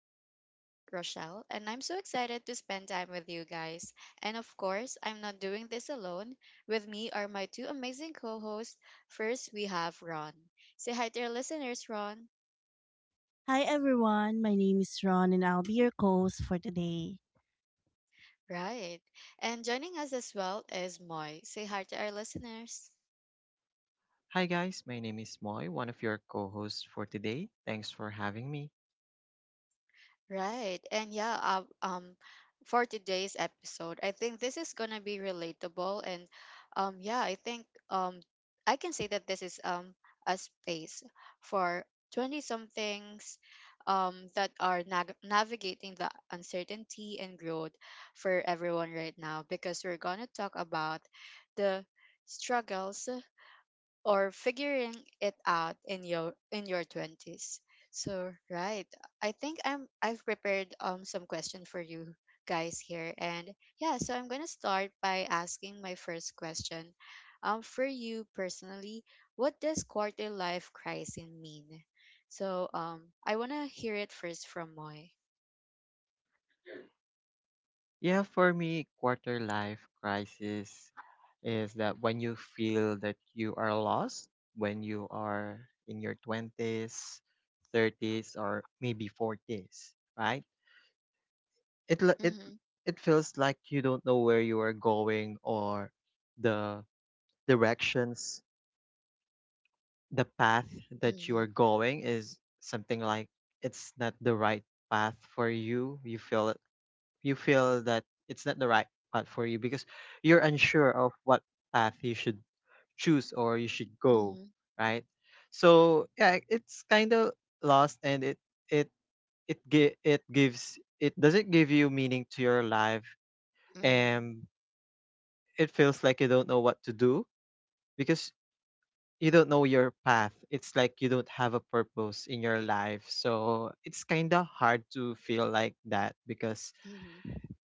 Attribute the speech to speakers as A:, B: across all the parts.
A: I'm your host, Rochelle, and I'm so excited to spend time with you guys. And of course, I'm not doing this alone. With me are my two amazing co hosts. First, we have Ron. Say hi to our listeners, Ron.
B: Hi everyone, my name is Ron and I'll be your co-host for today.
A: Right. And joining us as well is Moy. Say hi to our listeners.
C: Hi guys, my name is Moy, one of your co-hosts for today. Thanks for having me.
A: Right. And yeah, for today's episode, I think this is going to be relatable. And yeah, I think I can say that this is a space for 20 somethings that are nag navigating the uncertainty and growth for everyone right now, because we're going to talk about the struggles, or figuring it out in your 20s. So right, I think I've prepared some question for you guys here. And yeah, so I'm going to start by asking my first question. For you personally, what does quarter life crisis mean? So I want to hear it first from Moy.
C: Yeah, for me, quarter life crisis is that when you feel that you are lost, when you are in your 20s, 30s, or maybe 40s, right? It l- it
A: Mhm.
C: it feels like you don't know where you are going, or the directions, the path that you are
A: Mhm.
C: going is something like it's not the right path for you. You feel that it's not the right path for you because you're unsure of what path you should choose or you should go,
A: Mhm.
C: right? So yeah, it's kind of lost, and it it doesn't give you meaning to your life,
A: Mhm.
C: and it feels like you don't know what to do because you don't know your path. It's like you don't have a purpose in your life. So it's kind of hard to feel like that because
A: Mhm.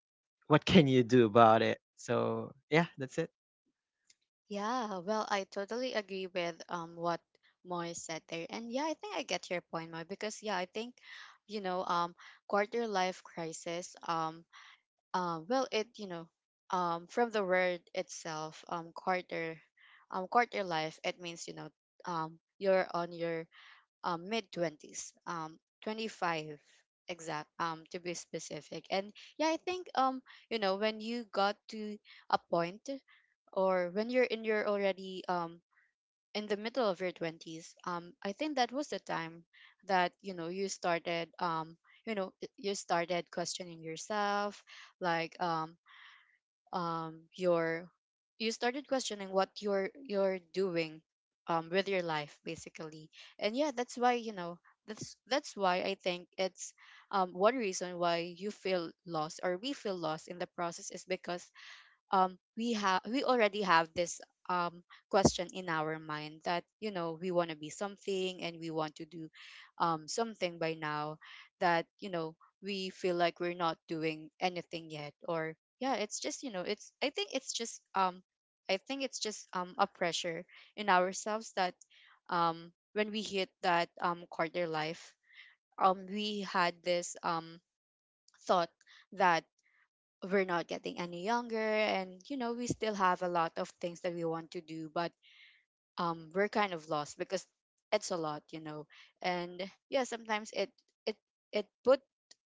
C: what can you do about it? So yeah, that's it.
A: Yeah, well, I totally agree with what Moy said there. And yeah, I think I get your point, Moy, because yeah, I think, you know, quarter life crisis, well, it, you know, from the word itself, quarter life, it means, you know, you're on your mid 20s, 25 exact, to be specific. And yeah, I think you know, when you got to a point, or when you're in your already in the middle of your 20s, I think that was the time that you know you started, you know y- you started questioning yourself like your you started questioning what you're doing with your life, basically. And yeah, that's why you know, that's why I think it's one reason why you feel lost, or we feel lost in the process, is because we already have this um question in our mind, that you know we want to be something, and we want to do something by now, that you know we feel like we're not doing anything yet. Or yeah, it's just, you know, it's I think it's just I think it's just a pressure in ourselves, that when we hit that quarter life, we had this thought that we're not getting any younger, and you know we still have a lot of things that we want to do. But we're kind of lost, because it's a lot, you know. And yeah, sometimes it it put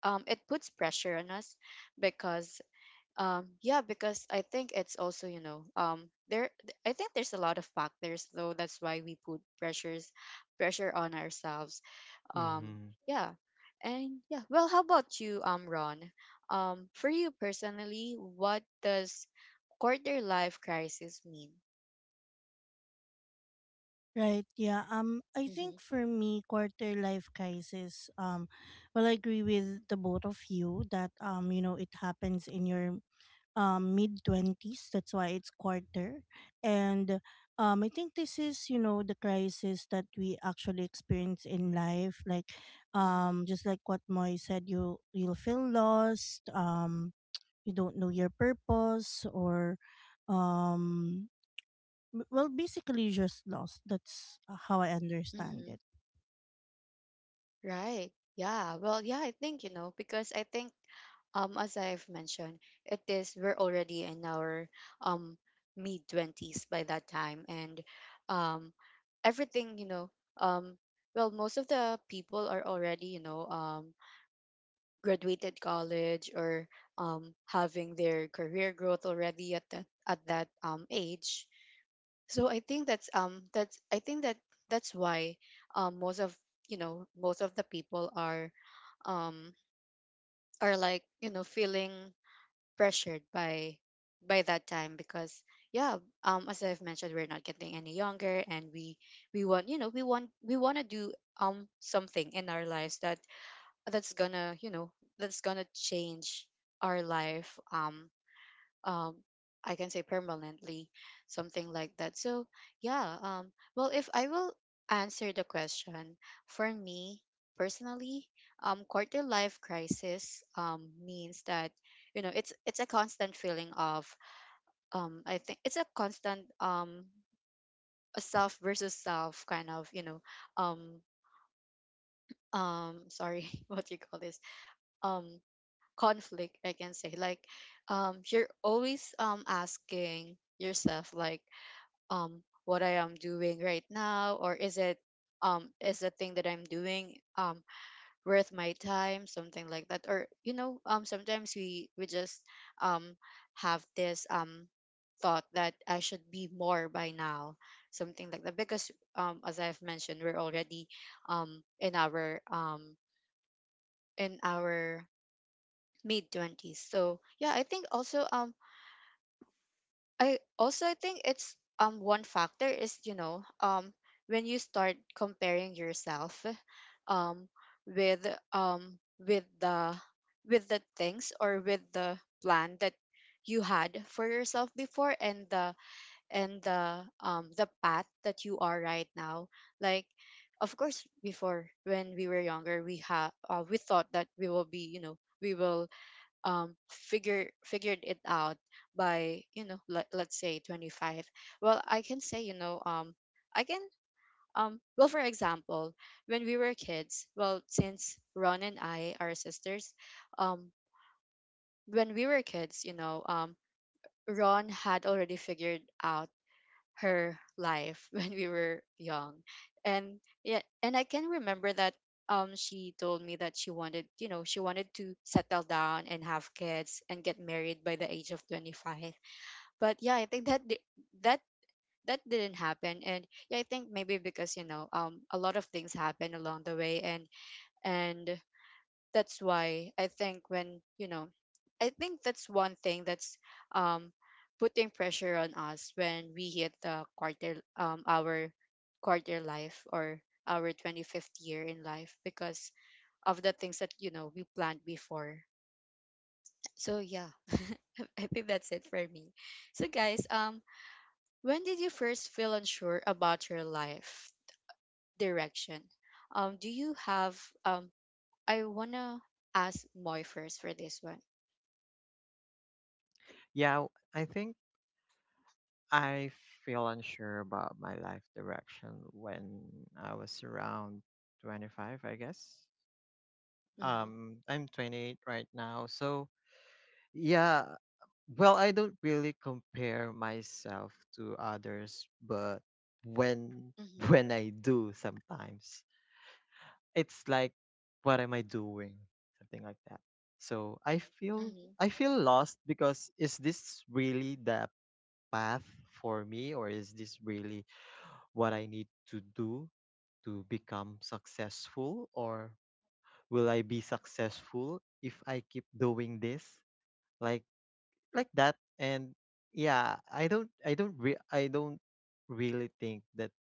A: it puts pressure on us, because yeah, because I think it's also, you know, there I think there's a lot of factors though, that's why we put pressure on ourselves. um,
C: Hmm.
A: yeah. And yeah, well, how about you, Ron? For you personally, what does quarter life crisis mean?
B: Right, yeah. I
A: Mm-hmm.
B: think for me, quarter life crisis, well, I agree with the both of you that you know, it happens in your mid 20s, that's why it's quarter. And I think this is, you know, the crisis that we actually experience in life, like
A: Mm-hmm.
B: just like what Moy said, you'll feel lost. You don't know your purpose, or um well, basically you're just lost. That's how I understand
A: Mm-hmm.
B: it.
A: Right. Yeah. Well, yeah, I think, you know, because I think as I've mentioned, it is we're already in our um mid 20s by that time, and um everything, you know, um well, most of the people are already, you know, graduated college, or having their career growth already at that at that, age. So I think that's, I think that's why, most of, you know, most of the people um are like, you know, feeling pressured by that time, because yeah. As I've mentioned, we're not getting any younger, and we want, you know, we want to do something in our lives, that's gonna, you know, that's gonna change our life. Um I can say permanently, something like that. So yeah, well, if I will answer the question, for me personally, quarter life crisis means that, you know, it's a constant feeling of I think it's a constant a self versus self kind of, you know, um sorry, what do you call this, um conflict, I can say, like you're always asking yourself, like what I am doing right now, or is the thing that I'm doing worth my time, something like that. Or you know, sometimes we just um have this thought that I should be more by now, something like that, because as I've mentioned we're already um in our um in our mid 20s. So yeah, I think also, I also I think it's one factor is, you know, when you start comparing yourself um with um with the with the things, or with the plan that you had for yourself before, and the path that you are right now, like. Of course, before, when we were younger, we have we thought that we will be, you know, we will figured it out by, you know, let's say 25. Well, I can say, you know, I can well, for example, when we were kids, well, since Ron and I are sisters, um when we were kids, you know, Ron had already figured out her life when we were young. And yeah, and I can remember that she told me that she wanted, to settle down, and have kids, and get married by the age of 25. But yeah, I think that that that didn't happen. And yeah, I think maybe because, you know, a lot of things happened along the way. And that's why I think that's one thing that's um putting pressure on us, when we hit the quarter our quarter life, or our 25th year in life, because of the things that you know we planned before. So yeah, I think that's it for me. So guys, when did you first feel unsure about your life direction? Do you have um I want to ask Moy first for this one.
C: Yeah, I think I feel unsure about my life direction when I was around 25, I guess.
A: Mhm.
C: I'm 28 right now. So yeah, well, I don't really compare myself to others, but when
A: Mhm.
C: when I do sometimes, it's like, what am I doing? Something like that. So I feel
A: Mhm.
C: I feel lost because is this really the path for me, or is this really what I need to do to become successful, or will I be successful if I keep doing this? Like like that. And yeah, I don't really think that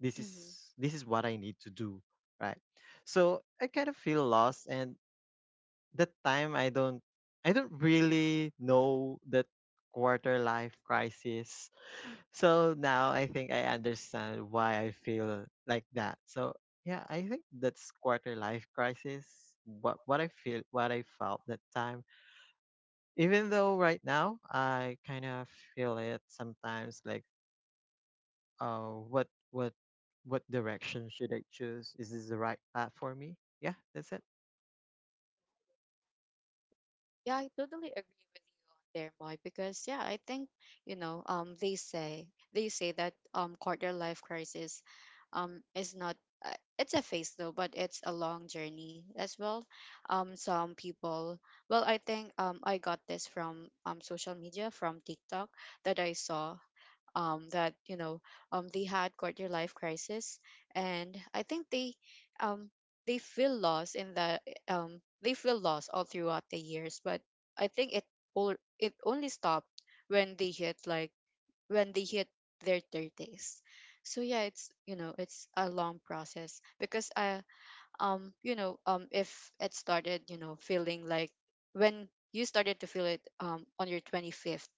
C: this
A: Mhm.
C: is this is what I need to do, right? So I kind of feel lost, and that time I don't really know that quarter life crisis. So now I think I understand why I feel like that. So yeah, I think that's quarter life crisis, what I feel what I felt that time. Even though right now I kind of feel it sometimes, like, uh, what what what direction should I choose? Is this the right path for me? Yeah, that's it.
A: Yeah, I totally agree with you on there, Moy, because yeah, I think, you know, they say that, quarter life crisis, is not, it's a phase though, but it's a long journey as well. Some people, well, I think I got this from social media, from TikTok, that I saw, that you know they had quarter life crisis, and I think um, they feel lost in the they feel lost all throughout the years. But I think it only stopped when they hit like when they hit their 30s. So yeah, it's, you know, it's a long process, because I you know if it started, you know, feeling like, when you started to feel it on your 25th,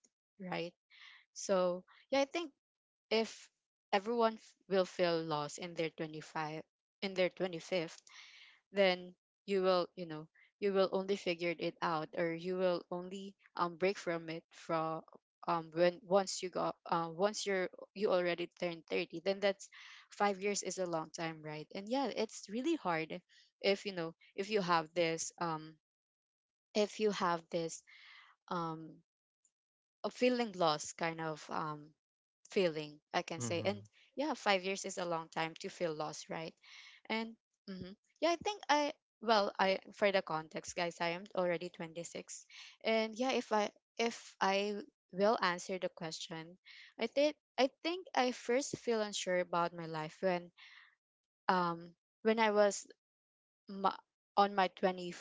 A: right. So yeah, I think if everyone, will feel lost in their 25 in their 25th, then you will, you know, you will only figure it out, or you will only break from it, from when once you got, once you're you already turned 30. Then that's 5 years, is a long time, right? And yeah, it's really hard, if, you know, if you have this um a feeling lost kind of feeling, I can say. And
C: Mm-hmm.
A: yeah, 5 years is a long time to feel lost, right. And, hmm yeah, I think I well, I, for the context, guys, I am already 26. And yeah, if I will answer the question, I think I first feel unsure about my life when um I was, ma- on my 20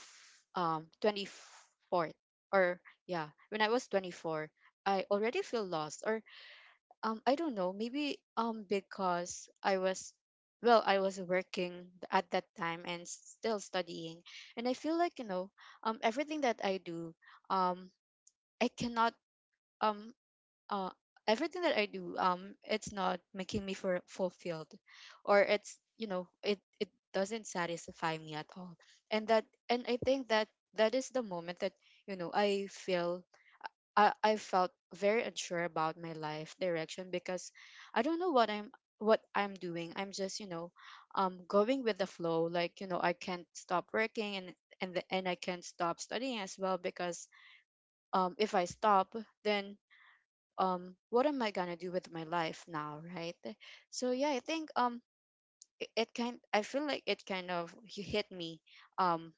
A: um 24th, or yeah, when I was 24, I already feel lost. Or I don't know. Maybe because I was, working at that time, and still studying. And I feel like, you know, everything that I do, um I cannot um uh everything that I do, it's not making me for fulfilled, or it's, you know, it doesn't satisfy me at all. And I think that is the moment that, you know, I felt very unsure about my life direction, because I don't know what I'm doing. I'm just, you know, going with the flow. Like, you know, I can't stop working, and and I can't stop studying as well, because if I stop, then what am I gonna do with my life now, right? So yeah, I think it kind, I feel like it kind of hit me um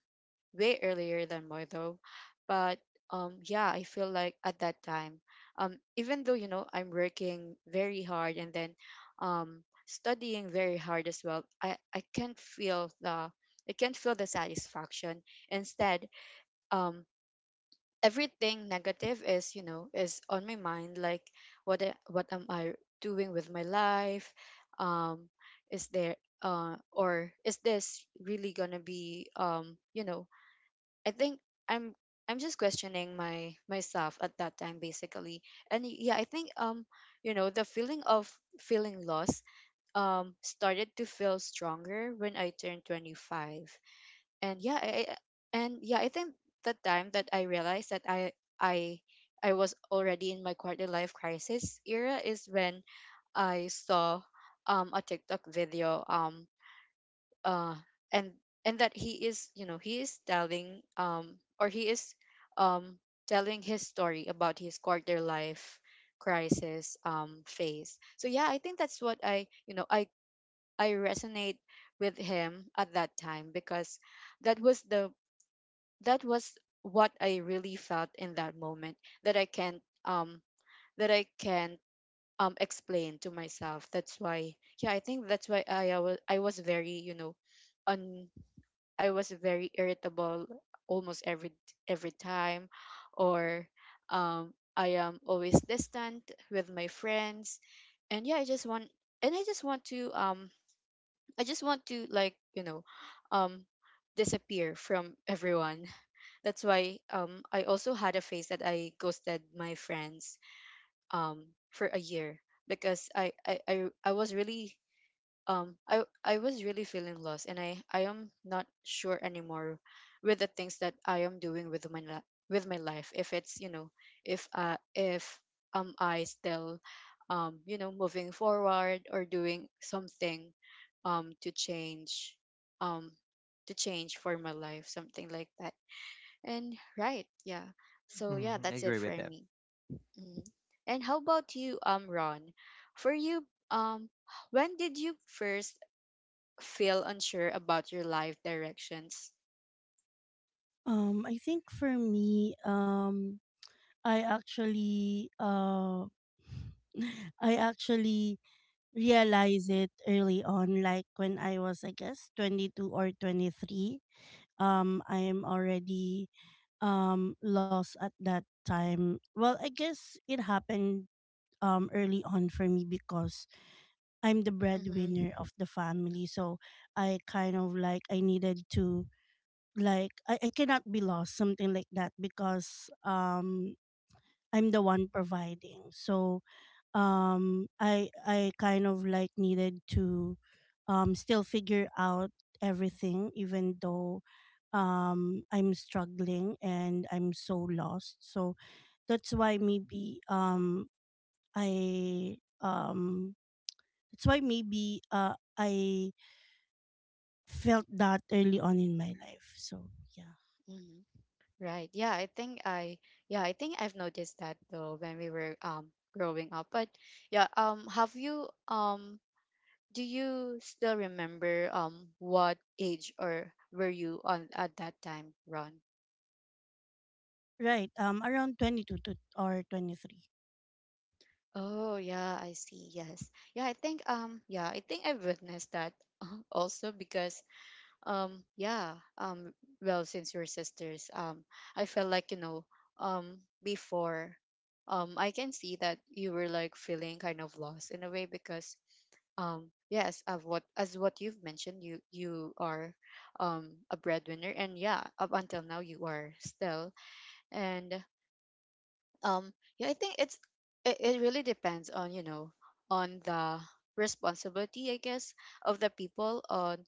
A: way earlier than more though. But yeah, I feel like at that time, even though you know I'm working very hard and then studying very hard as well, I can't feel the satisfaction. Instead, um, everything negative is you know is on my mind. Like what am I doing with my life? Um, is there or is this really gonna be I think I'm I'm just questioning my myself at that time basically. And I think you know the feeling of feeling lost started to feel stronger when I turned 25. And yeah, I, I- and yeah, I think the time that I realized that I I was already in my quarter life crisis era is when I saw a TikTok video uh and and that he is telling or he is um telling his story about his quarter life crisis phase. So yeah, I think that's what I you know I resonate with him at that time, because that was the that was what I really felt in that moment, that I can't explain to myself. That's why yeah, I think that's why I was very you know un I was very irritable almost every time. Or I am always distant with my friends. And yeah I just want and I just want to like you know um disappear from everyone. That's why I also had a phase that I ghosted my friends um for a year, because I was really I was really feeling lost, and I am not sure anymore with the things that I am doing with with my life. If it's you know if am I still you know moving forward or doing something to change um for my life, something like that. And right, yeah, so yeah,
C: Mm-hmm. I
A: that's it
C: agree
A: for
C: with that.
A: me. Mhm. And how about you, Ron? For you, when did you first feel unsure about your life directions?
B: I think for me, I actually I actually realized it early on, like when I was, I guess, 22 or 23. I am already lost at that time. Well, I guess it happened early on for me because I'm the breadwinner
A: Mm-hmm.
B: of the family. So I kind of like, I needed to, like, I cannot be lost, something like that, because I'm the one providing. So I kind of like needed to still figure out everything, even though I'm struggling and I'm so lost. So that's why, maybe, I that's why maybe I felt that early on in my life. So yeah,
A: Mm-hmm. Right. Yeah, I think I've noticed that though when we were growing up. But yeah, have you do you still remember what age or were you on at that time, Ron?
B: right. Around 22 to or 23.
A: Oh yeah, I see. Yes. Yeah, I think I've witnessed that also because Um, yeah. Um, well, since we're sisters, I felt like, you know, um, before, I can see that you were like feeling kind of lost in a way because, yes, of what you've mentioned, you are, a breadwinner, and yeah, up until now you are still, and um yeah, I think it really depends on you know on the responsibility, I guess, of the people on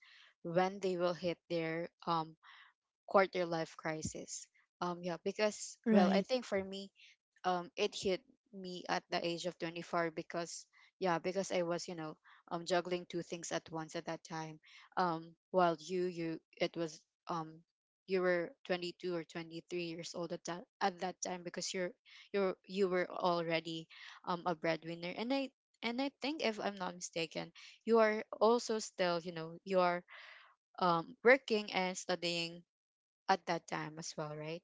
A: when they will hit their quarter life crisis. Yeah, because well, I
B: Right.
A: think for me it hit me at the age of 24, because yeah, because I was you know juggling two things at once at that time. While you you it was um you were 22 or 23 years old at that time, because you're you were already a breadwinner. And I think if I'm not mistaken, you are also still you know you are working and studying at that time as well, right?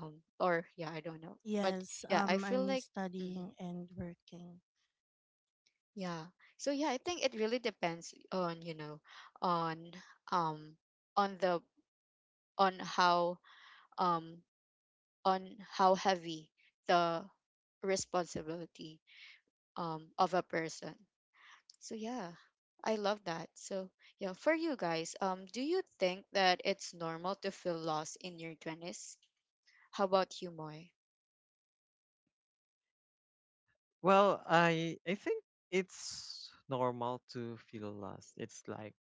A: Or yeah, I don't know, but
B: Yes.
A: yeah, I feel
B: I'm
A: like mhm,
B: studying and working.
A: yeah. So yeah, I think it really depends on you know on um on the on how um on how heavy the responsibility of a person. So yeah, I love that. So yeah, for you guys, do you think that it's normal to feel lost in your twenties? How about you, Moy?
C: Well, I think it's normal to feel lost. It's like,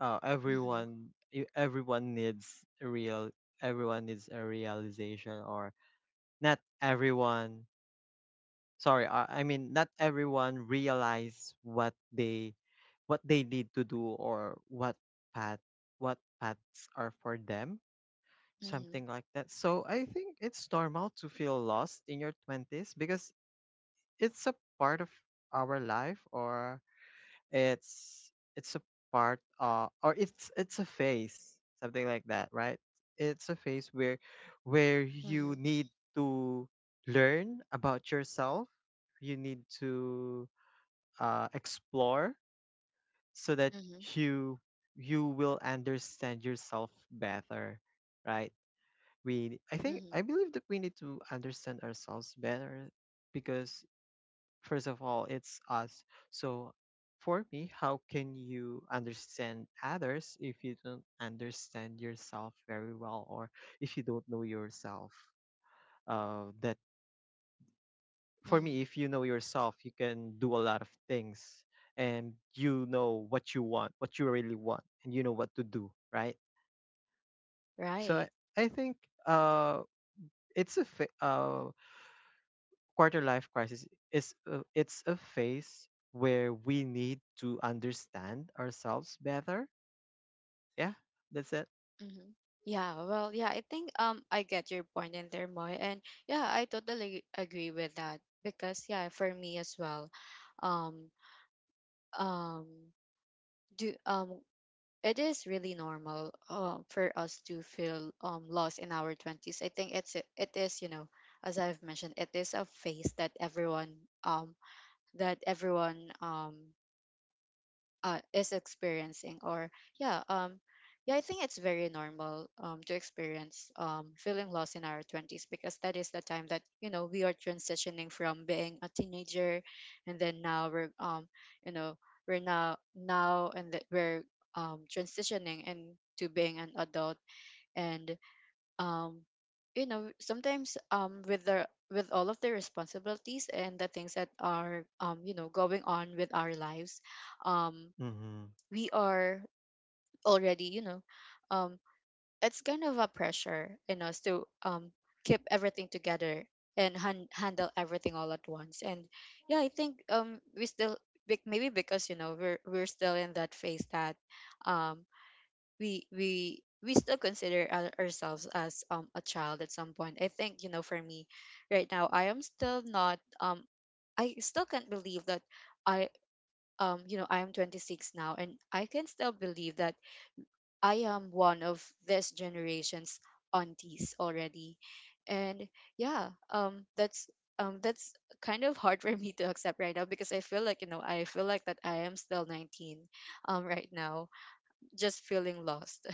A: Mm-hmm,
C: everyone e- everyone needs a real everyone needs a realization. Or not everyone, sorry, I mean not everyone realize what they need to do, or path what paths are for them,
A: mm-hmm,
C: something like that. So I think it's normal to feel lost in your 20s because it's a part of our life, or it's a part, or it's a phase, something like that, right? It's a phase where you
A: mm-hmm.
C: need to learn about yourself. You need to explore, so that
A: Mhm.
C: you you will understand yourself better, right? We I think I
A: Mhm.
C: believe that we need to understand ourselves better, because first of all, it's us. So for me, how can you understand others if you don't understand yourself very well, or if you don't know yourself? That For me,
A: Mhm.
C: if you know yourself, you can do a lot of things, and you know what you want, what you really want, and you know what to do, right? So I,
A: Right.
C: I think, uh, it's a fa- uh, quarter life crisis it's a phase where we need to understand ourselves better. Yeah, that's it.
A: Mhm. Yeah, well, yeah, I think I get your point in there, Moy, and yeah, I totally agree with that, because yeah, for me as well, um um do it is really normal for us to feel lost in our 20s. I think it is, you know, as I've mentioned, it is a phase that um everyone is experiencing. Or yeah yeah, I think it's very normal to experience feeling lost in our 20s, because that is the time that you know we are transitioning from being a teenager. And then now we're you know we're now now and that we're transitioning into being an adult. And um you know sometimes with the with all of the responsibilities and the things that are you know going on with our lives, um
C: Mm-hmm.
A: we are already you know um it's kind of a pressure in us to keep everything together and handle everything all at once. And yeah, I think we still maybe because we're still in that phase that um we still consider ourselves as a child at some point. I think you know for me right now I am still not I still can't believe that I you know I am 26 now and I can still believe that I am one of this generation's aunties already. And yeah, that's kind of hard for me to accept right now, because I feel like, you know, I feel like that I am still 19 right now, just feeling lost.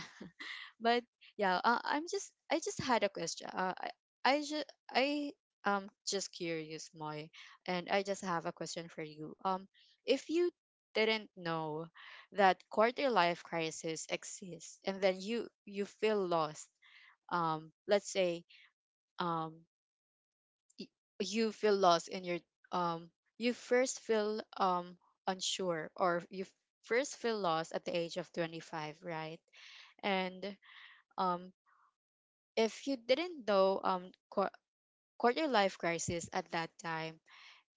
A: But yeah, I'm just I just had a question. I just I Just curious, Moy, and I just have a question for you. If you didn't know that quarter life crisis exists, and then you feel lost, let's say um y- you feel lost in your um you first feel unsure, or you first feel lost at the age of 25, right? And um if you didn't know quarter life crisis at that time,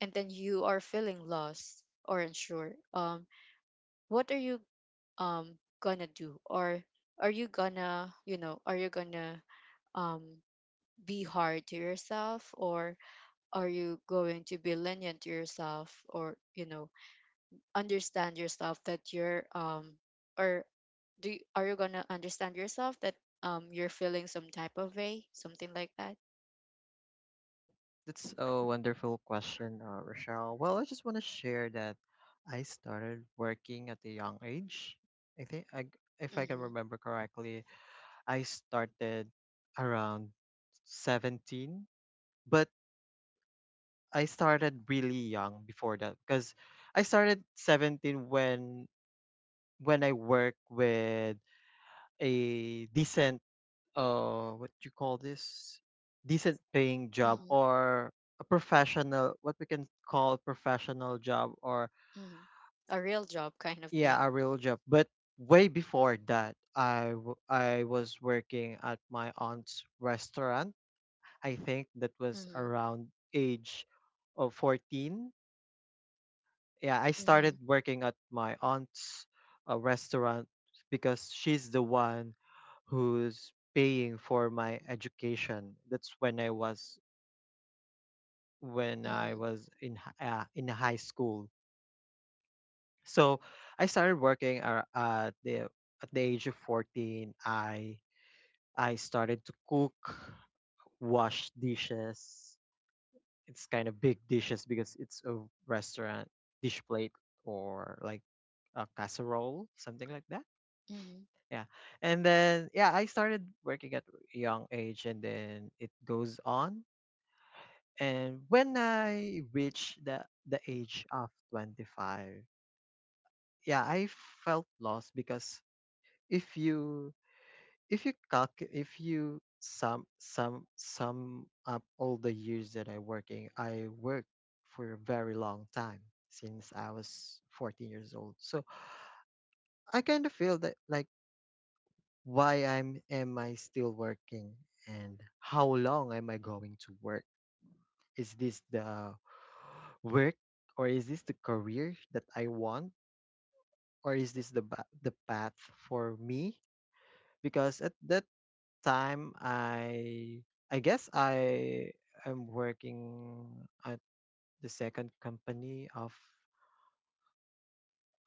A: and then you are feeling lost or unsure, what are you um gonna do? Or are you gonna you know are you gonna um be hard to yourself, or are you going to be lenient to yourself, or you know understand yourself that you're or are you gonna understand yourself that you're feeling some type of way, something like that?
C: That's a wonderful question, Rochelle. Well, I just want to share that I started working at a young age. I think, if I can
A: Mm-hmm.
C: remember correctly, I started around 17. But I started really young before that, because I started 17 when I work with a decent, what you call this, decent paying job, or a professional, what we can call professional job. Or
A: Mhm. A real job kind of
C: yeah, a
A: thing.
C: real job. But way before that, I was working at my aunt's restaurant. I think that was
A: Mhm.
C: around age of 14. Yeah, I
A: Mhm.
C: started working at my aunt's restaurant because she's the one who's paying for my education. That's when I was when I
A: Mhm.
C: was in high school. So I started working at the age of 14. I started to cook, wash dishes. It's kind of big dishes because it's a restaurant dish plate, or like a casserole, something like that.
A: Mhm.
C: Yeah. And then yeah, I started working at a young age, and then it goes on. And when I reached the age of 25, yeah, I felt lost. Because if you if you calc if you sum sum sum up all the years that I worked for a very long time since I was 14 years old. So I kind of feel that, like, why I'm am I still working, and how long am I going to work? Is this the work, or is this the career that I want, or is this the path for me? Because at that time, I guess I am working at the second company of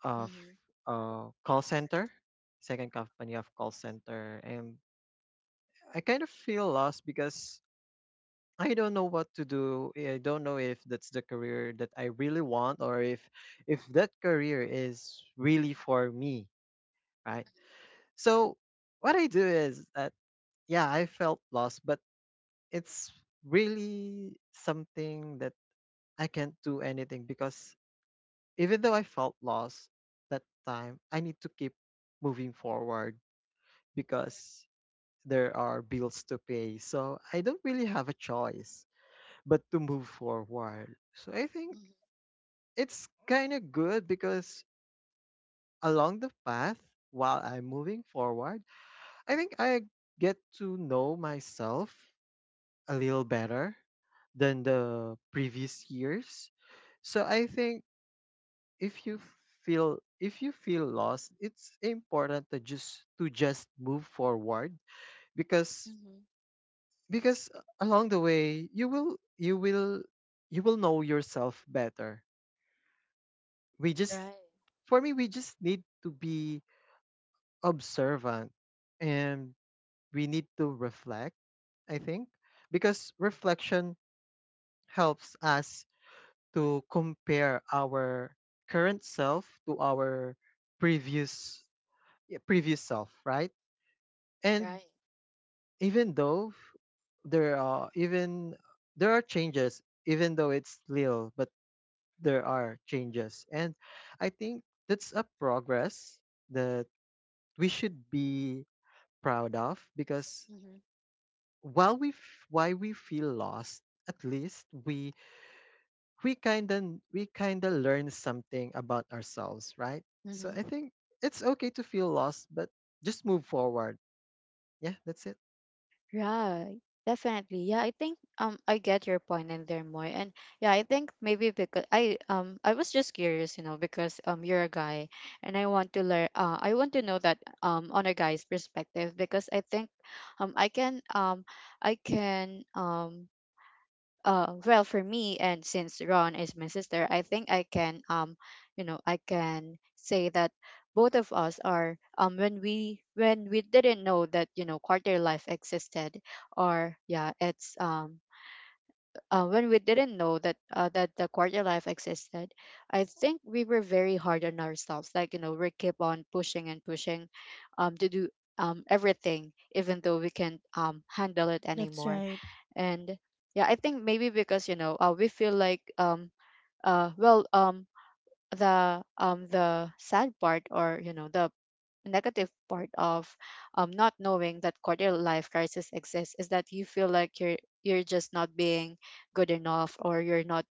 C: of
A: Mhm.
C: uh call center, second company of call center. And I kind of feel lost because I don't know what to do. I don't know if that's the career that I really want, or if that career is really for me, right? So what I do is that, yeah, I felt lost, but it's really something that I can't do anything, because even though I felt lost that time, I need to keep moving forward because there are bills to pay. So I don't really have a choice but to move forward. So I think
A: Mhm.
C: it's kind of good because along the path while I'm moving forward, I think I get to know myself a little better than the previous years. So I think if you feel lost, it's important to just move forward. Because
A: Mhm.
C: because along the way you will know yourself better. We just
A: Right.
C: For me, we just need to be observant, and we need to reflect, I think, because reflection helps us to compare our current self to our previous yeah, previous self, right? And
A: Right.
C: even though there are even there are changes, even though it's little, but there are changes. And I think that's a progress that we should be proud of, because
A: Mhm.
C: While we f why we feel lost, at least we kinda learn something about ourselves, right? So
A: Mhm.
C: I think it's okay to feel lost, but just move forward. Yeah, that's it.
A: Right. Definitely. Yeah, I think I get your point in there, Moy. And yeah, I think maybe because I was just curious, you know, because you're a guy and I want to learn I want to know that on a guy's perspective, because I think um I can um I can well for me, and since Ron is my sister, I think I can you know I can say that both of us are when we didn't know that you know quarter life existed, or yeah, it's when we didn't know that that the quarter life existed, I think we were very hard on ourselves, like you know we keep on pushing and pushing to do everything, even though we can't handle it
B: That's
A: anymore.
B: right.
A: And yeah, I think maybe because you know we feel like uh well um the sad part, or you know the negative part of not knowing that quarter life crisis exists, is that you feel like you're just not being good enough, or you're not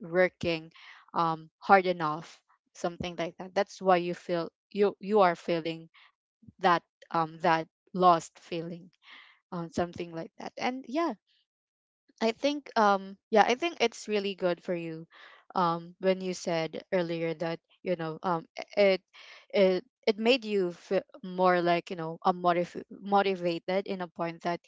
A: working hard enough, something like that. That's why you you are feeling that that lost feeling, something like that. And yeah, I think yeah, I think it's really good for you when you said earlier that you know it it it made you feel more like you know a motivated in a point that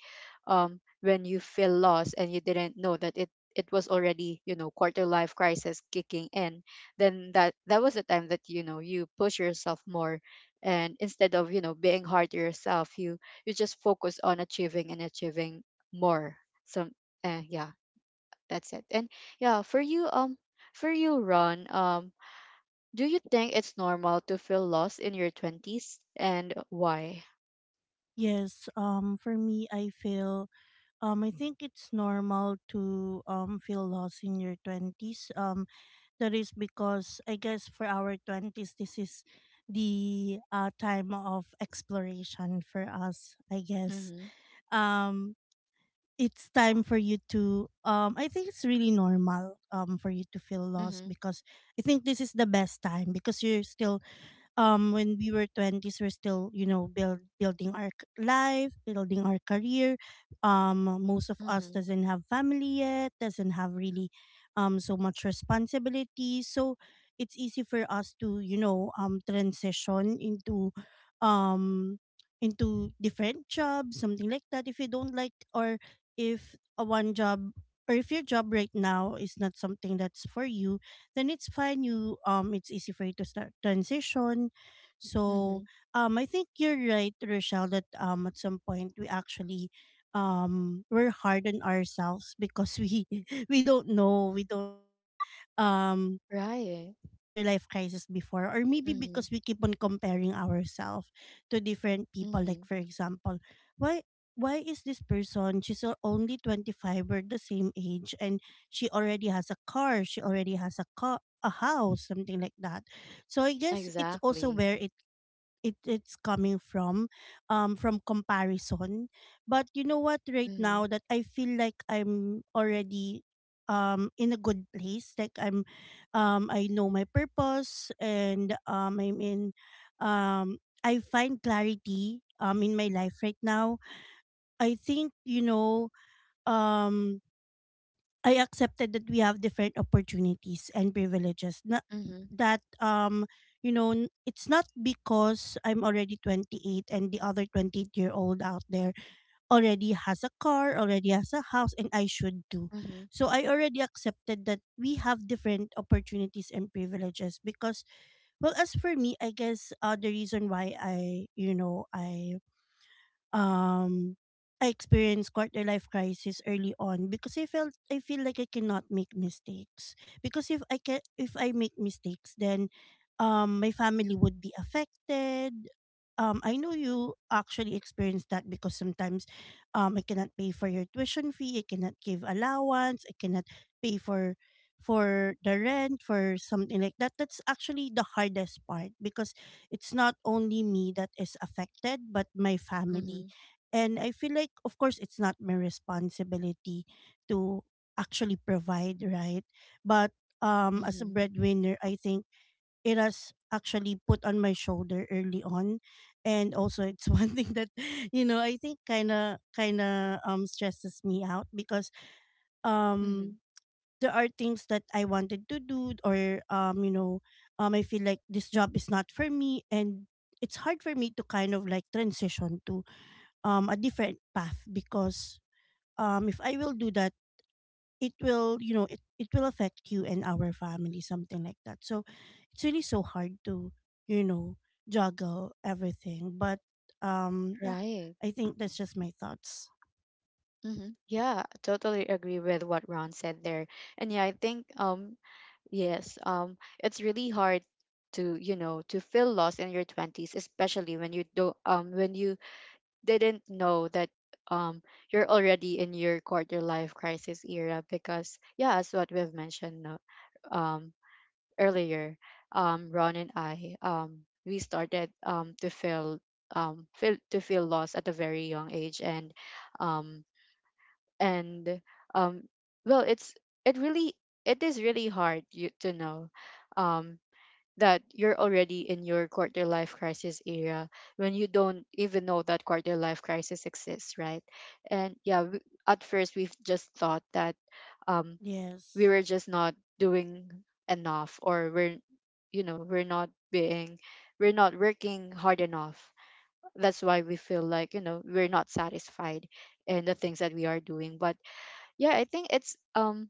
A: when you feel lost and you didn't know that it was already you know quarter life crisis kicking in, then that was the time that you know you push yourself more, and instead of you know being hard to yourself, you just focus on achieving and achieving more. So eh, yeah, that's it. And yeah, for you, for you, Ron, do you think it's normal to feel lost in your twenties, and why?
B: Yes. For me, I feel. I think it's normal to feel lost in your twenties. That is because, I guess, for our twenties, this is the time of exploration for us, I guess.
A: Mm-hmm.
B: Um, it's time for you to I think it's really normal for you to feel lost
A: Mm-hmm.
B: because I think this is the best time, because you're still when we were 20s, we're still, you know, building our life, building our career. Most of us
A: Mm-hmm.
B: doesn't have family yet, doesn't have really so much responsibility, so it's easy for us to, you know, transition um into different jobs, something like that. If you don't like, or if a one job, or if your job right now is not something that's for you, then it's fine. You it's easy for you to start transition. So
A: Mm-hmm.
B: I think you're right, Rochelle, that at some point we actually we're hard on ourselves, because we we don't know um
A: Right.
B: quarter life crisis before, or maybe
A: Mm-hmm.
B: because we keep on comparing ourselves to different people. Like,
A: Mm-hmm.
B: for example, why why is this person, she's only 25, we're the same age, and she already has a car, a house, something like that. So I guess it's also
A: Exactly.
B: where it, it's coming from, from comparison. But you know what, right
A: Mm-hmm.
B: now that I feel like I'm already in a good place, like I'm I know my purpose, and I'm in I find clarity in my life right now. I think, you know, um I accepted that we have different opportunities and privileges. Not
A: Mm-hmm.
B: that you know, it's not because I'm already 28 and the other 28-year-old out there already has a car, already has a house, and I should do.
A: Mm-hmm.
B: So I already accepted that we have different opportunities and privileges, because, well, as for me, I guess the reason why I, you know, um I experienced quarter life crisis early on because I feel like I cannot make mistakes, because if I can, if I make mistakes, then my family would be affected. I know you actually experienced that, because sometimes I cannot pay for your tuition fee, I cannot give allowance, I cannot pay for the rent, for something like that. That's actually the hardest part, because it's not only me that is affected, but my
A: Mm-hmm.
B: family. And I feel like, of course, it's not my responsibility to actually provide, right? But as a
A: Mm-hmm.
B: breadwinner, I think it has actually put on my shoulder early on, and also it's one thing that, you know, I think kind of stresses me out, because
A: Mm-hmm.
B: um there are things that I wanted to do, or you know I feel like this job is not for me, and it's hard for me to kind of like transition to a different path, because if I will do that, it will, you know, it will affect you and our family, something like that. So it's really so hard to, you know, juggle everything. But yeah,
A: Right.
B: I think that's just my thoughts.
A: Mm-hmm. Yeah, totally agree with what Ron said there. And yeah, I think yes, it's really hard to feel lost in your 20s, especially when you don't when you didn't know that um you're already in your quarter life crisis era, because yeah, as what we've mentioned, um earlier, Ron and I, we started, to feel lost at a very young age. And um, and um, well, it really it is really hard, you to know, um, that you're already in your quarter life crisis era when you don't even know that quarter life crisis exists, right? And yeah, at first we've just thought that, um, we
B: Yes.
A: were just not doing enough, or we're, you know, we're not being, we're not working hard enough. That's why we feel like we're not satisfied in the things that we are doing. But yeah,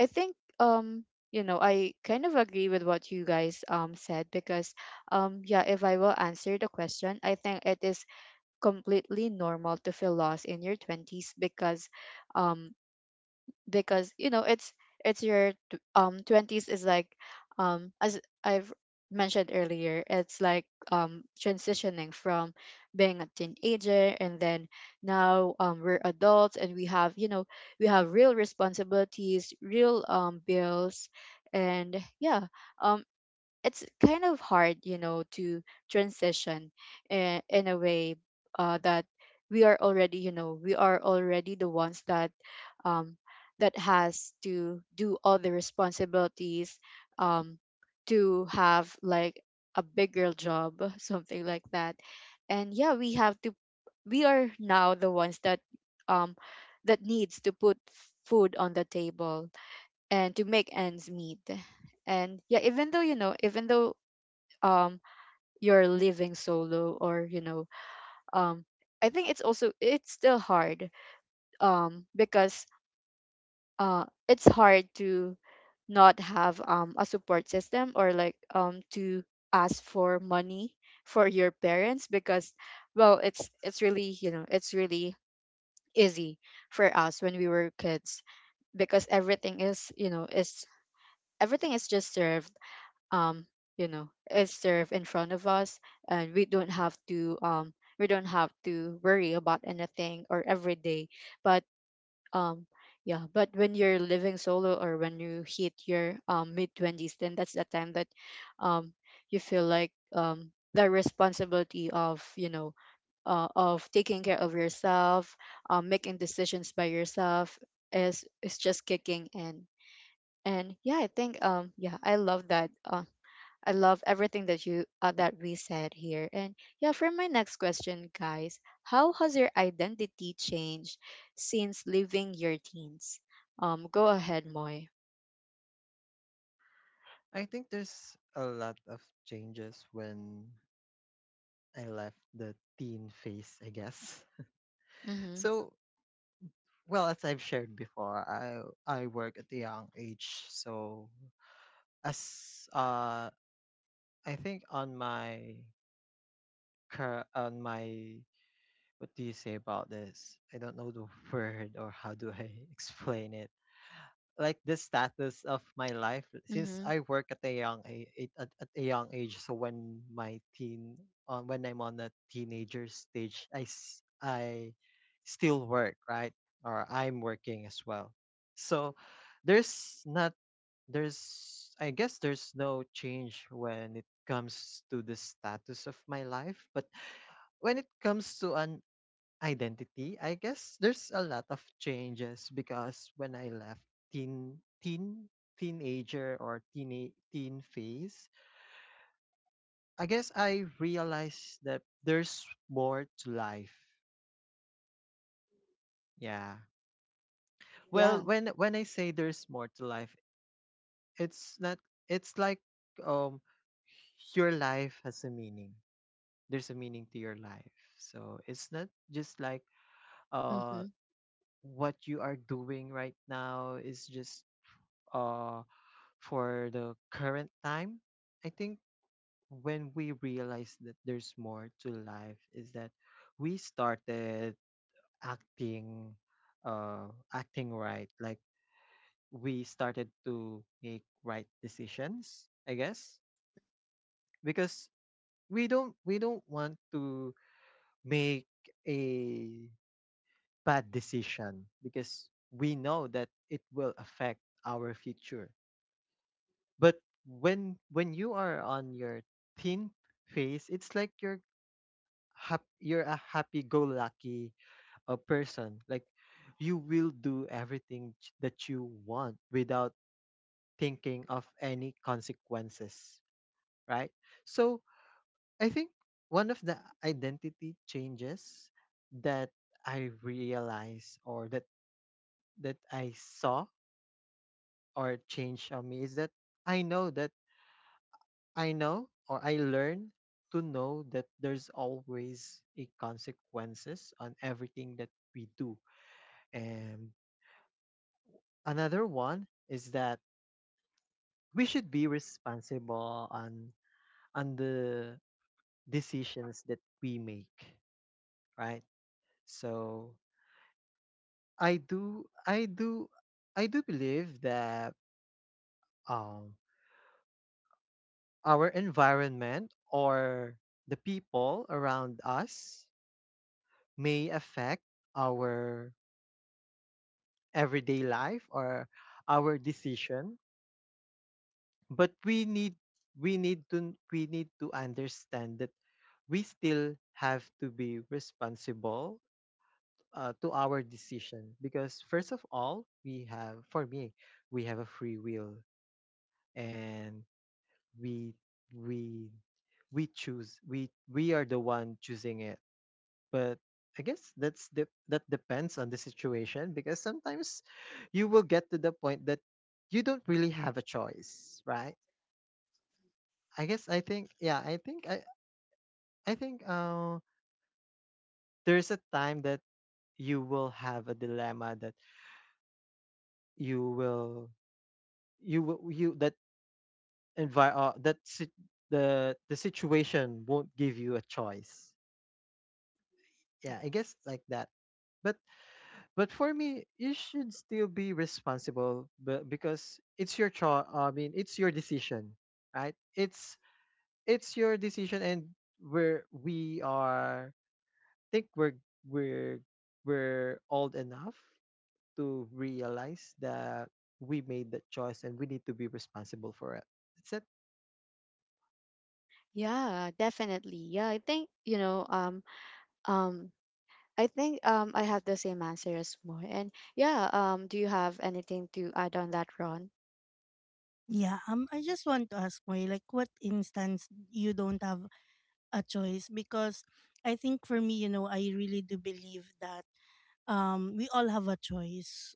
A: I think, I kind of agree with what you guys said, because yeah, if I will answer the question, I think it is completely normal to feel lost in your 20s, because um you know, it's your 20s is like, as I've mentioned earlier, it's like, transitioning from being a teenager, and then now we're adults and we have, we have real responsibilities, real bills. And yeah, um it's kind of hard, you know, to transition in a way, that we are already, you know, we are already the ones that, um, that has to do all the responsibilities, um, to have like a bigger job, something like that, and yeah, we have to. We are now the ones that, um, that needs to put food on the table, and to make ends meet. And yeah, even though, um you're living solo, or, um I think it's also, it's still hard, because it's hard to not have a support system, or like to ask for money for your parents, because well, it's really, you know, it's really easy for us when we were kids, because everything is, everything is just served, um is served in front of us, and we don't have to worry about anything or every day. But um yeah, but when you're living solo, or when you hit your mid 20s, then that's the time that um you feel like the responsibility of, taking care of yourself, making decisions by yourself, is just kicking in. And yeah, I think yeah, I love everything that you that we said here. And yeah, for my next question, guys, how has your identity changed since leaving your teens? Go ahead, Moy.
C: I think there's a lot of changes when I left the teen phase, I guess.
A: Mm-hmm.
C: So, well, as I've shared before, I work at a young age, so as I think, on my what do you say about this? I don't know the word, or how do I explain it. Like the status of my life, since
A: Mm-hmm.
C: I work at a young age. So when I'm on a teenager stage, I still work, right? Or I'm working as well. So there's not there's I guess there's no change when it comes to the status of my life, but when it comes to an identity, I guess there's a lot of changes, because when I left teen teenager, or teen phase, I guess I realized that there's more to life. Yeah. Well,
A: Yeah.
C: when I say there's more to life, it's not it's like, um your life has a meaning. There's a meaning to your life. So it's not just like, uh
A: Mm-hmm.
C: what you are doing right now is just, uh for the current time. I think when we realized that there's more to life is that we started acting, acting right. Like we started to make right decisions, I guess. Because we don't want to make a bad decision, because we know that it will affect our future. But when you are on your teen phase, it's like you're a happy-go-lucky, person. Like you will do everything, that you want without thinking of any consequences, right? So I think one of the identity changes that I realized, or that I saw, or changed on me, is that I know that I know, or I learn to know, that there's always a consequences on everything that we do. And another one is that we should be responsible on the decisions that we make, right? So I do I do believe that um our environment or the people around us may affect our everyday life or our decision, but we need to understand that we still have to be responsible to our decision, because first of all we have for me we have a free will, and we we we choose, we are the one choosing it. But I guess that's de- that depends on the situation, because sometimes you will get to the point that you don't really have a choice, right? I think, yeah, I think I think there's a time that you will have a dilemma, that you will you will you that envi- that si- the situation won't give you a choice. Yeah,
A: Yeah.
C: I guess like that. But But for me, you should still be responsible, but because I mean, it's your decision, right? It's your decision, and we're we are think we're we're old enough to realize that we made that choice, and we need to be responsible for it. That's it.
A: Yeah, definitely. Yeah, I think you know. Um. I think, I have the same answer as Moy. And yeah. Do you have anything to add on that, Ron?
B: Yeah. I just want to ask Moy, like, what instance you don't have a choice, because I think for me, you know, I really do believe that we all have a choice.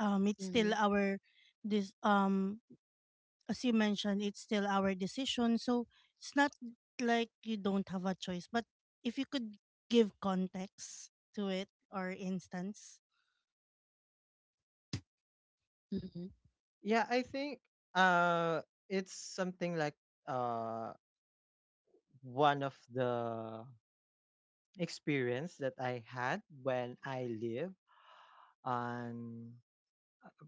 B: It's
A: Mm-hmm.
B: still our this as you mentioned, it's still our decision. So it's not like you don't have a choice, but if you could give context to it, or instance.
A: Mm-hmm.
C: Yeah, I think uh, it's something like uh one of the experience that I had when I live on uh,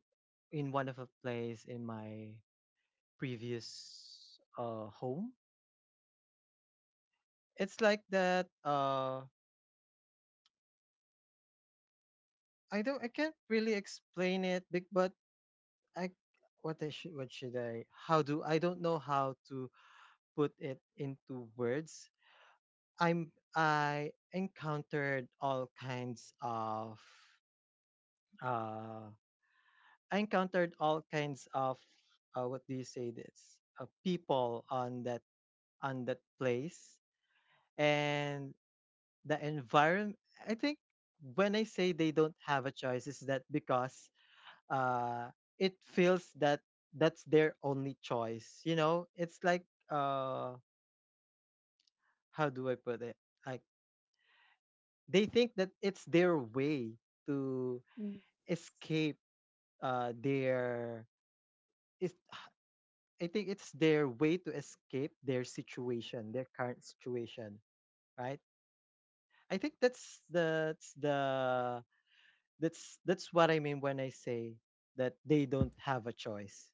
C: in one of a place in my previous home. It's like that, I can't really explain it big, but I what I should what should I how do I don't know how to put it into words. I encountered all kinds of uh I encountered all kinds of what do you say this, people on that place and the environment. I think, when I say they don't have a choice, is that because uh it feels that that's their only choice, you know? It's like, uh how do I put it, like, they think that it's their way to
A: Mm-hmm.
C: escape their, it's, I think it's their way to escape their situation, their current situation, right? I think that's the that's the that's what I mean when I say that they don't have a choice.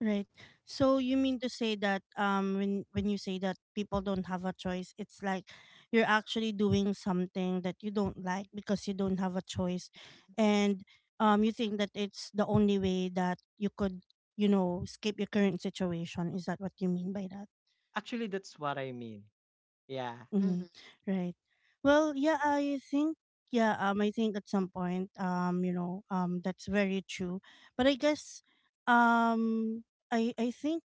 B: Right. So you mean to say that, when you say that people don't have a choice, it's like you're actually doing something that you don't like because you don't have a choice, and you think that it's the only way that you could, you know, escape your current situation. Is that what you mean by that?
C: Actually, that's what I mean. Yeah.
B: Mm-hmm.
A: Mm-hmm.
B: Right. Well, yeah, I think, yeah, I think at some point you know, that's very true. But I guess I think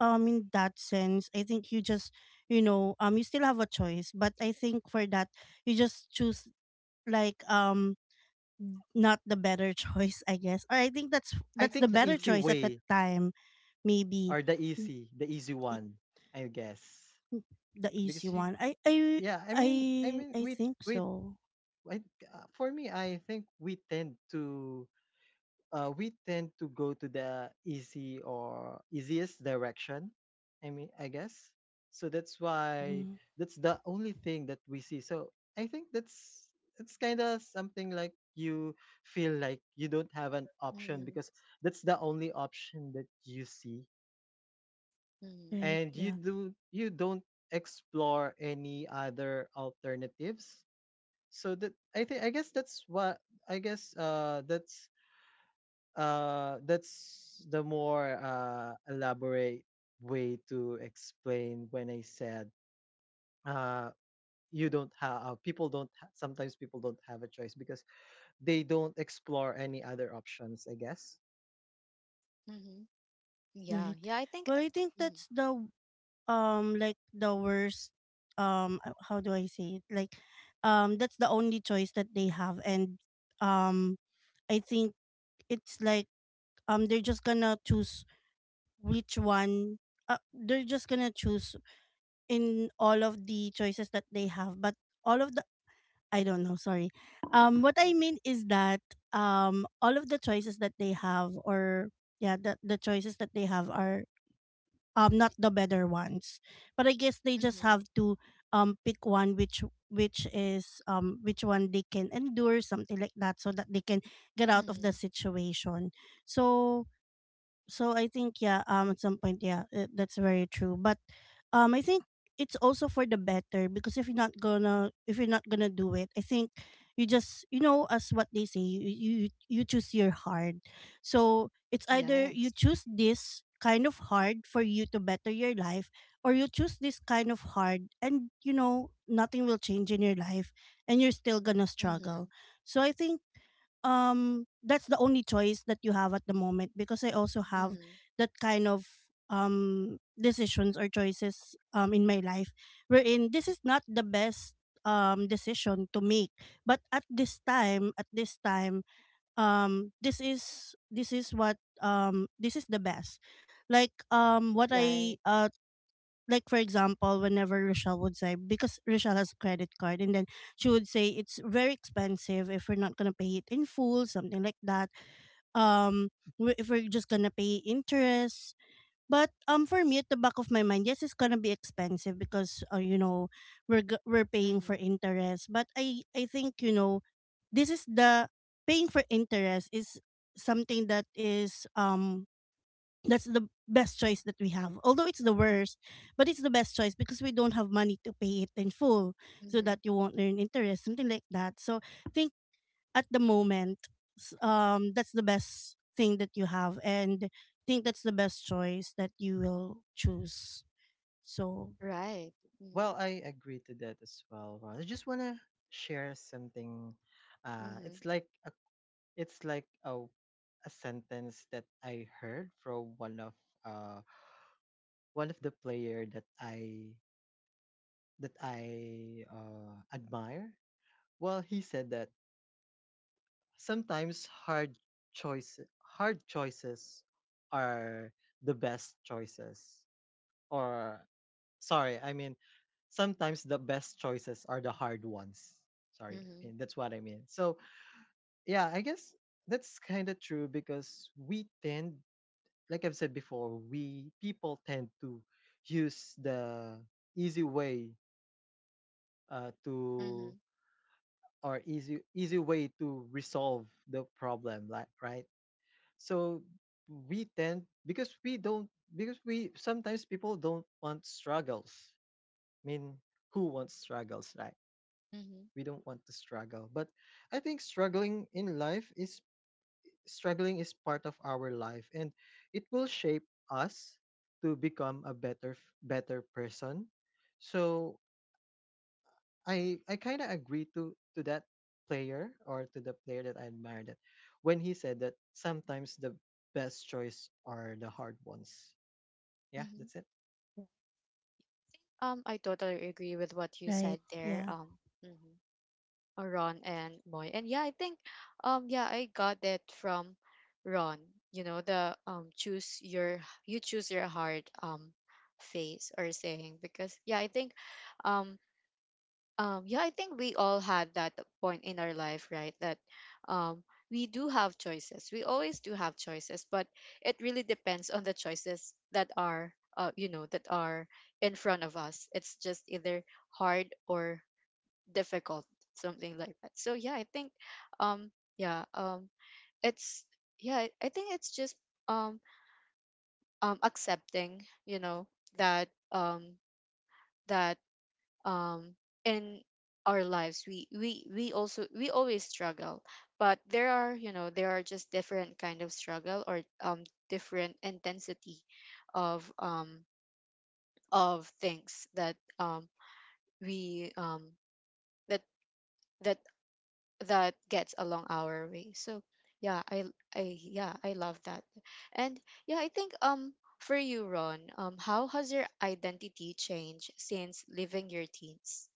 B: in that sense, I think you just, you know, you still have a choice, but I think for that you just choose, like, not the better choice, I guess, or I think that's
C: I
B: the
C: think the
B: better
A: Mm-hmm.
C: easy
B: choice at that
C: way,
B: time, maybe.
C: or
B: Mm,
C: the easy
B: i-
C: one, I guess.
B: mm, the easy
C: Because you
B: one. i i
C: yeah, I
B: i
C: mean
B: i think
C: we
B: so.
C: I, for me, I think we tend to go to the easy or easiest direction. I mean, I guess. So that's why
B: Mhm.
C: that's the only thing that we see. So I think that's, it's kind of something like you feel like you don't have an option,
A: Mm-hmm.
C: because that's the only option that you see,
B: Right,
C: and
B: yeah.
C: you don't explore any other alternatives. So that I think I guess that's what I guess that's, that's the more elaborate way to explain when I said, uh, you don't have, people don't ha- sometimes people don't have a choice because they don't explore any other options, I guess.
A: Mm-hmm.
B: Right.
A: Yeah, yeah, I think
B: Well, I think
A: Mhm,
B: that's the like the worst, how do I say it? Like, that's the only choice that they have. And um I think it's like, they're just gonna choose which one, they're just gonna choose in all of the choices that they have. But all of the, I don't know, sorry. What I mean is that all of the choices that they have, or yeah, the choices that they have are not the better ones, but I guess they just have
A: mhm,
B: to pick one which, is which one they can endure, something like that, so that they can get out of the
A: mhm.
B: situation. So, I think, yeah, at some point, yeah, that's very true. But, I think it's also for the better, because if you're not gonna, if you're not gonna do it, I think you just, you know, as what they say, you choose your hard. So it's either you
A: Yes.
B: choose this kind of hard for you to better your life, or you choose this kind of hard, and you know nothing will change in your life, and you're still gonna struggle.
A: Mhm,
B: So I think that's the only choice that you have at the moment, because I also have
A: mhm.
B: that kind of decisions or choices in my life, wherein this is not the best decision to make. But at this time, this is, this is what this is the best. Like, what I
A: Right.
B: like, for example, whenever Rochelle would say, because Rochelle has a credit card, and then she would say it's very expensive if we're not gonna pay it in full, something like that. Um, if we're just gonna pay interest. But for me, at the back of my mind, yes, it's gonna be expensive, because you know, we're paying for
A: Mhm,
B: interest. But I think, you know, this is the, paying for interest is something that is, that's the best choice that we have. Although it's the worst, but it's the best choice because we don't have money to pay it in full, so that
A: mhm.
B: you won't earn interest, something like that. So I think at the moment, that's the best thing that you have. And I think that's the best choice that you will choose. So,
A: Right. Mhm,
C: Well, I agree to that as well, Ron. I just wanna share something. Uh,
A: mhm,
C: it's like a, it's like a sentence that I heard from uh, one of the player that I, admire. Well, he said that sometimes hard choices are the best choices. Or, sorry, I mean, sometimes the best choices are the hard ones. Sorry, I
A: mhm,
C: mean, that's what I mean. So yeah, I guess that's kind of true, because we tend, like I've said before, we people tend to use the easy way, to
A: mhm,
C: or easy way to resolve the problem, like, right? So we tend, because we don't, because we, sometimes people don't want struggles. I mean, who wants struggles, right?
A: mhm,
C: We don't want to struggle. But I think struggling is part of our life, and it will shape us to become better person. So I kind of agree to that player, or to the player that I admire, that when he said that sometimes the best choice are the hard ones. Yeah,
A: mhm.
C: that's it.
A: I totally agree with what you
B: right.
A: said there,
B: Yeah.
A: mhm, Ron and Moy. And yeah, I think, yeah, I got that from Ron. You know, the, choose your you choose your heart phase or saying, because um, yeah, I think we all had that point in our life, right? That, um, we do have choices. We always do have choices, but it really depends on the choices that are, in front of us. It's just either hard or difficult, something like that. So yeah, I think, um, yeah, um, it's yeah, I think it's just, um, accepting, you know, that, um, that um in our lives, we always struggle, but there are, there are just different kind of struggle, or different intensity of things that we that that that gets along our way. So yeah, I love that. And yeah, I think, for you, Ron, how has your identity changed since leaving your teens?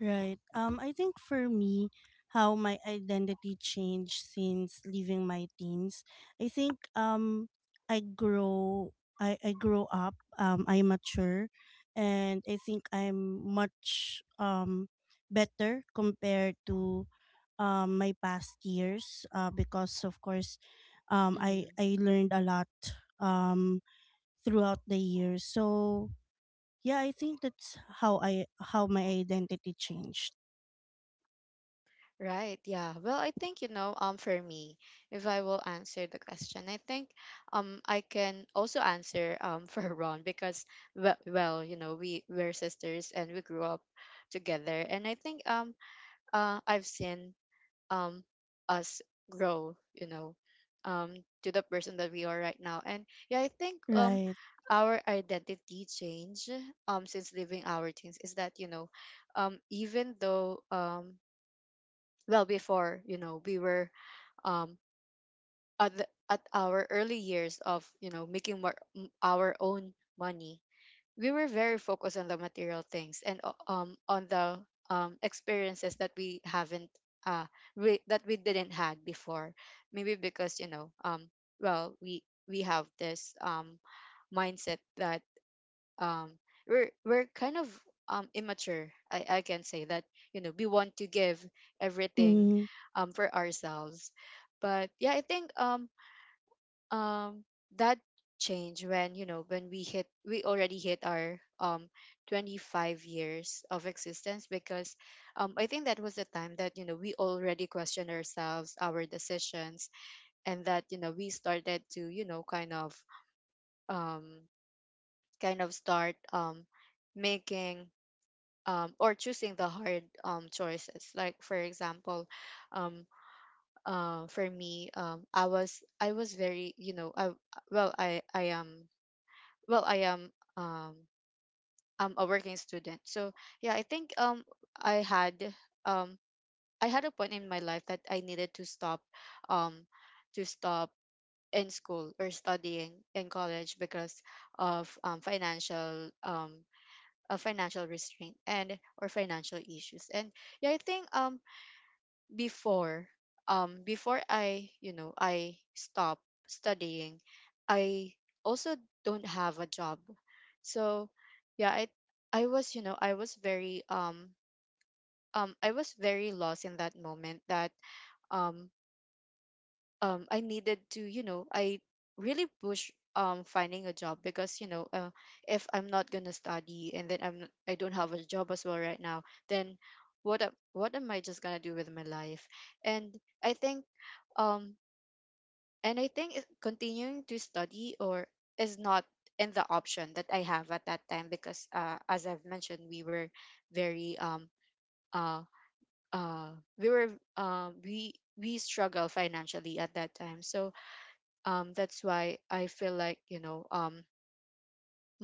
B: Right. I think for me, how my identity changed since leaving my teens. I think, I grow, I grow up. I mature, and I think I'm much better compared to my past years. Because of course, um, I
A: Mm-hmm.
B: I learned a lot um throughout the years. So yeah, I think that's how I how my identity changed.
A: Right, yeah. Well, I think, you know, for me, if I will answer the question, I think, I can also answer for Ron because well, you know, we're sisters and we grew up together, and I think, I've seen, um us grow, you know, um to the person that we are right now. And yeah, I think,
B: Right.
A: our identity change since leaving our teens is that, you know, even though well, before, we were, um at, at our early years of, you know, making, our own money, we were very focused on the material things, and on the, experiences that we haven't uh we, that we didn't had before, maybe because, you know, well, we have this mindset that, um we're kind of, immature, I can say that, you know, we want to give everything,
B: Mhm.
A: for ourselves. But yeah, I think, um that change when, you know, when we hit we already hit our, 25 years of existence, because I think that was the time that, we already questioned ourselves, our decisions, and that, we started to, um kind of start, making, or choosing the hard, choices. Like for example, um, for me, I was very, you know, I, well, I am, well, I am, I'm a working student. So yeah, I think, I had um I had a point in my life that I needed to stop, um to stop in school or studying in college, because of, financial, restraint and or financial issues. And yeah, I think, before, I you know I stop studying, I also don't have a job. So yeah, I was very, lost in that moment that, um I needed to, I really push, finding a job, because, you know, if I'm not gonna study, and then I don't have a job as well right now, then what am I just gonna do with my life? And I think, um continuing to study or is not in the option that I have at that time, because, as I've mentioned, we were very, uh uh we were um we we struggle financially at that time. So that's why I feel like,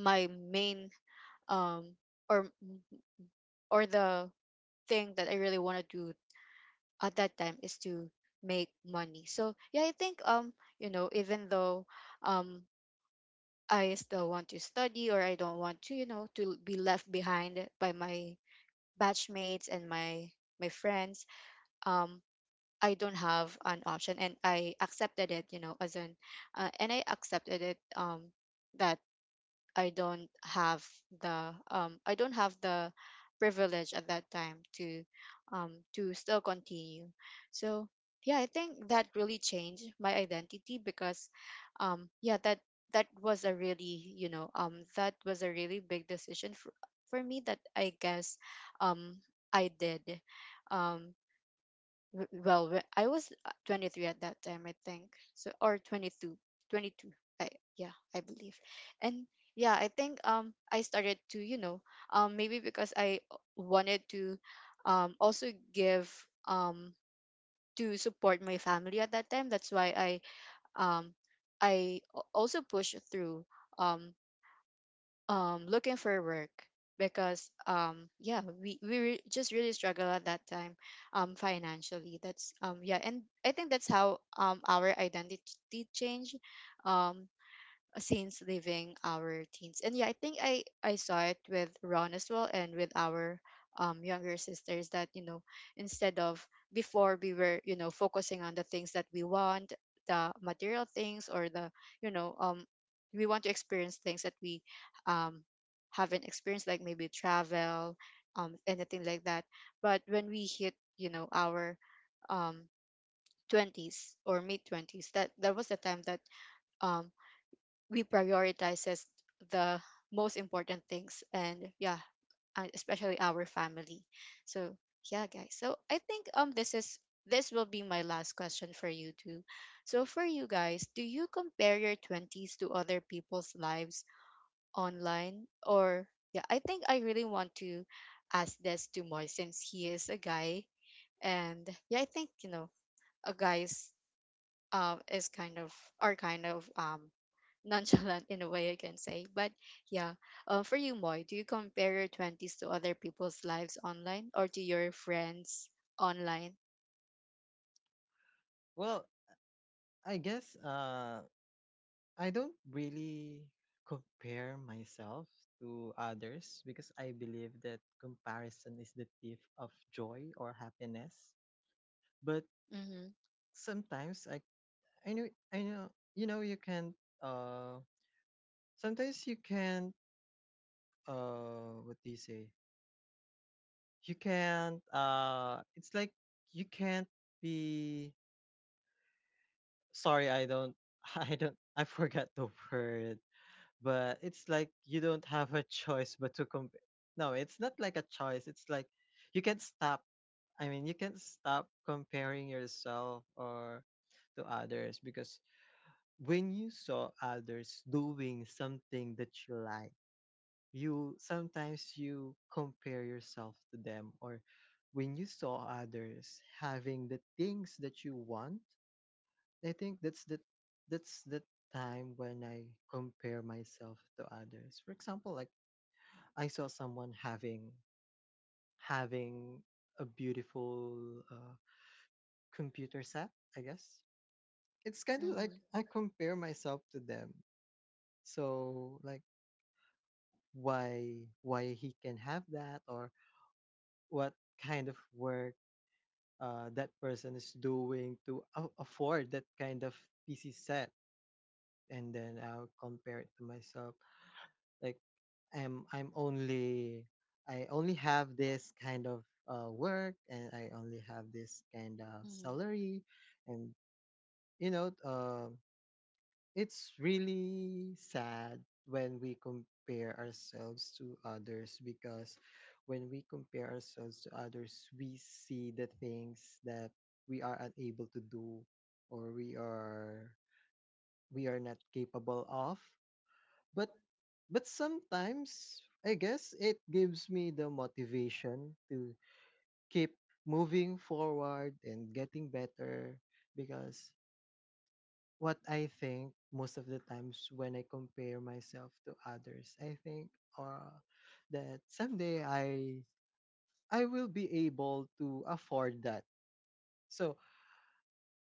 A: my, main um or or the thing that I really want to do at that time, is to make money. So yeah, I think, you know, even though um I still want to study, or I don't want to, you know, to be left behind by my batchmates, and my friends, um I don't have an option, and I accepted it, you know, as an and I accepted it that I don't have the privilege at that time to, to still continue. So yeah, I think that really changed my identity, because yeah, that was a really, big decision for me, that I guess, um I did. Um Well, I was, 23 at that time, I think. So, or 22, 22, I yeah, I believe. And yeah, I think, I started to, you know, maybe because I wanted to, also give, um to support my family at that time. That's why um also pushed through, um looking for work, because yeah, we just really struggle at that time, financially. That's yeah. And I think that's how, our identity changed, um since leaving our teens. And yeah, I think I saw it with Ron as well, and with our younger sisters, that, you know, instead of before, we were, focusing on the things that we want, the material things, or the, you know um we want to experience things that we, um haven't experienced, like maybe travel, anything like that. But when we hit, you know, our, um 20s, or mid 20s, that that was the time that, um we prioritizes the most important things, and yeah, especially our family. So yeah guys, so I think, this will be my last question for you too. So, for you guys, do you compare your 20s to other people's lives online, or, yeah, I think I really want to ask this to Moy, since he is a guy. And yeah, I think, you know, a guys, is kind of are kind of, nonchalant in a way, I can say. But yeah, for you, Moy, do you compare your 20s to other people's lives online, or to your friends online?
C: Well, I guess I don't really compare myself to others, because I believe that comparison is the thief of joy or happiness. But
A: Mm-hmm,
C: sometimes I know, you know, you can, uh sometimes you can, what do you say? You can't it's like you can't be, sorry, I don't I don't I forgot the word. But it's like you don't have a choice but to compare. No, it's not like a choice. It's like you can't stop. I mean, you can't stop comparing yourself or to others, because when you saw others doing something that you like, you sometimes you compare yourself to them, or when you saw others having the things that you want, I think that's the time when I compare myself to others. For example, like, I saw someone having a beautiful, computer set. I guess it's kind of like
A: mm-hmm,
C: I compare myself to them. So like, why he can have that, or what kind of work, that person is doing to a afford that kind of PC set, and then I'll compare it to myself. Like, I'm only I only have this kind of, work, and I only have this kind of
A: mm-hmm,
C: salary, and you know, it's really sad when we compare ourselves to others, because when we compare ourselves to others, we see the things that we are unable to do, or we are, we are not capable of. But, sometimes, I guess, it gives me the motivation to keep moving forward and getting better, because what I think most of the times when I compare myself to others, I think uh, that someday I will be able to afford that. So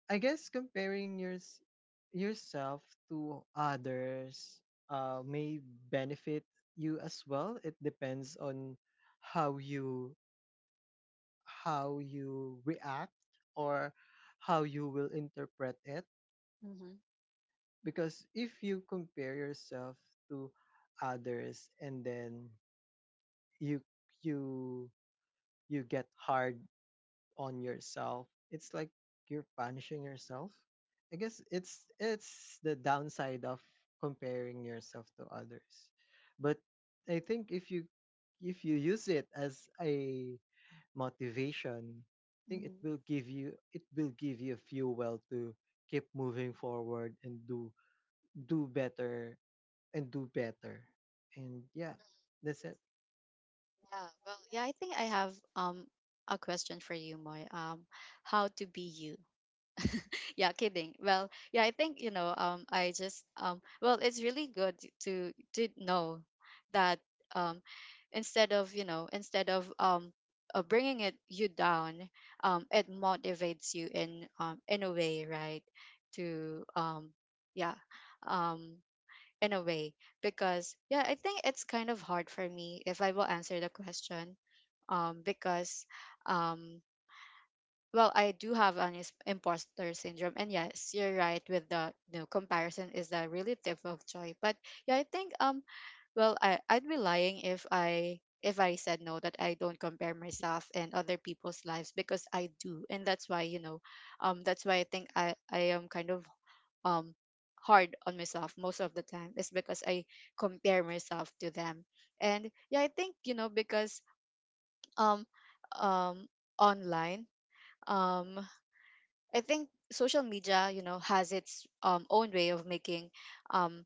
C: I guess comparing yourself to others, may benefit you as well. It depends on how you, how you react, or how you will interpret it.
A: mm-hmm,
C: Because if you compare yourself to others, and then you you you get hard on yourself, it's like you're punishing yourself. I guess it's the downside of comparing yourself to others. But I think if you, if you use it as a motivation, I think
A: mm-hmm.
C: it will give you fuel to keep moving forward and do do better do better. And yeah, that's it.
A: Yeah, well, yeah, I think I have, a question for you, Moy. How to be you? Yeah, kidding. Well, yeah, I think, you know, I just well, it's really good to know that, um instead of, bringing it you down, it motivates you in, a way, right, to, yeah um in a way. Because yeah, I think it's kind of hard for me if I will answer the question, because um well, I do have an, imposter syndrome. And yes, you're right with the, you know, comparison is the relative of joy. But yeah, I think, well, I'd be lying if I said no, that I don't compare myself and other people's lives, because I do. And that's why, you know, that's why I think I am kind of, um hard on myself most of the time, is because I compare myself to them. And yeah, I think, you know, because, um um online, um I think social media, you know, has its, own way of making, um,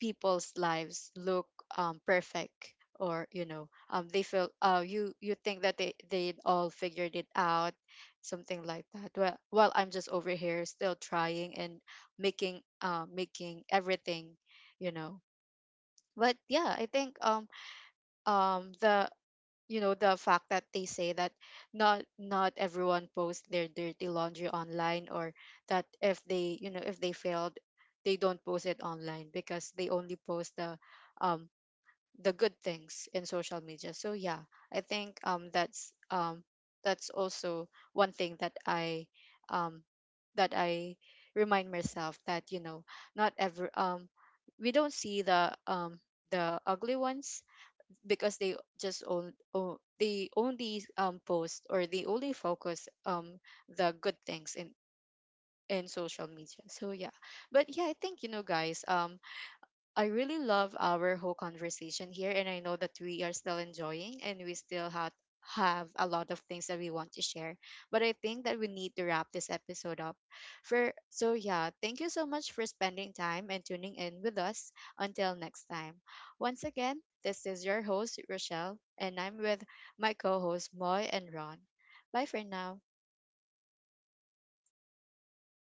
A: people's lives look, perfect, or, you know, they feel, you think that they all figured it out, something like that. Well, while I'm just over here still trying, and making everything, you know. But yeah, I think, the, you know, the fact that they say that, not everyone posts their dirty laundry online, or that if they you know if they failed, they don't post it online, because they only post the, um the good things in social media. So yeah, I think, that's, that's also one thing that um I remind myself that, you know, not every we don't see the, the ugly ones, because they just, own, own they only, post, or they only focus, the good things in social media. So yeah, but yeah, I think, you know, guys, I really love our whole conversation here, and I know that we are still enjoying, and we still have a lot of things that we want to share. But I think that we need to wrap this episode up. For So yeah, thank you so much for spending time and tuning in with us. Until next time. Once again, this is your host Rochelle, and I'm with my co-hosts Moy and Ron. Bye for now.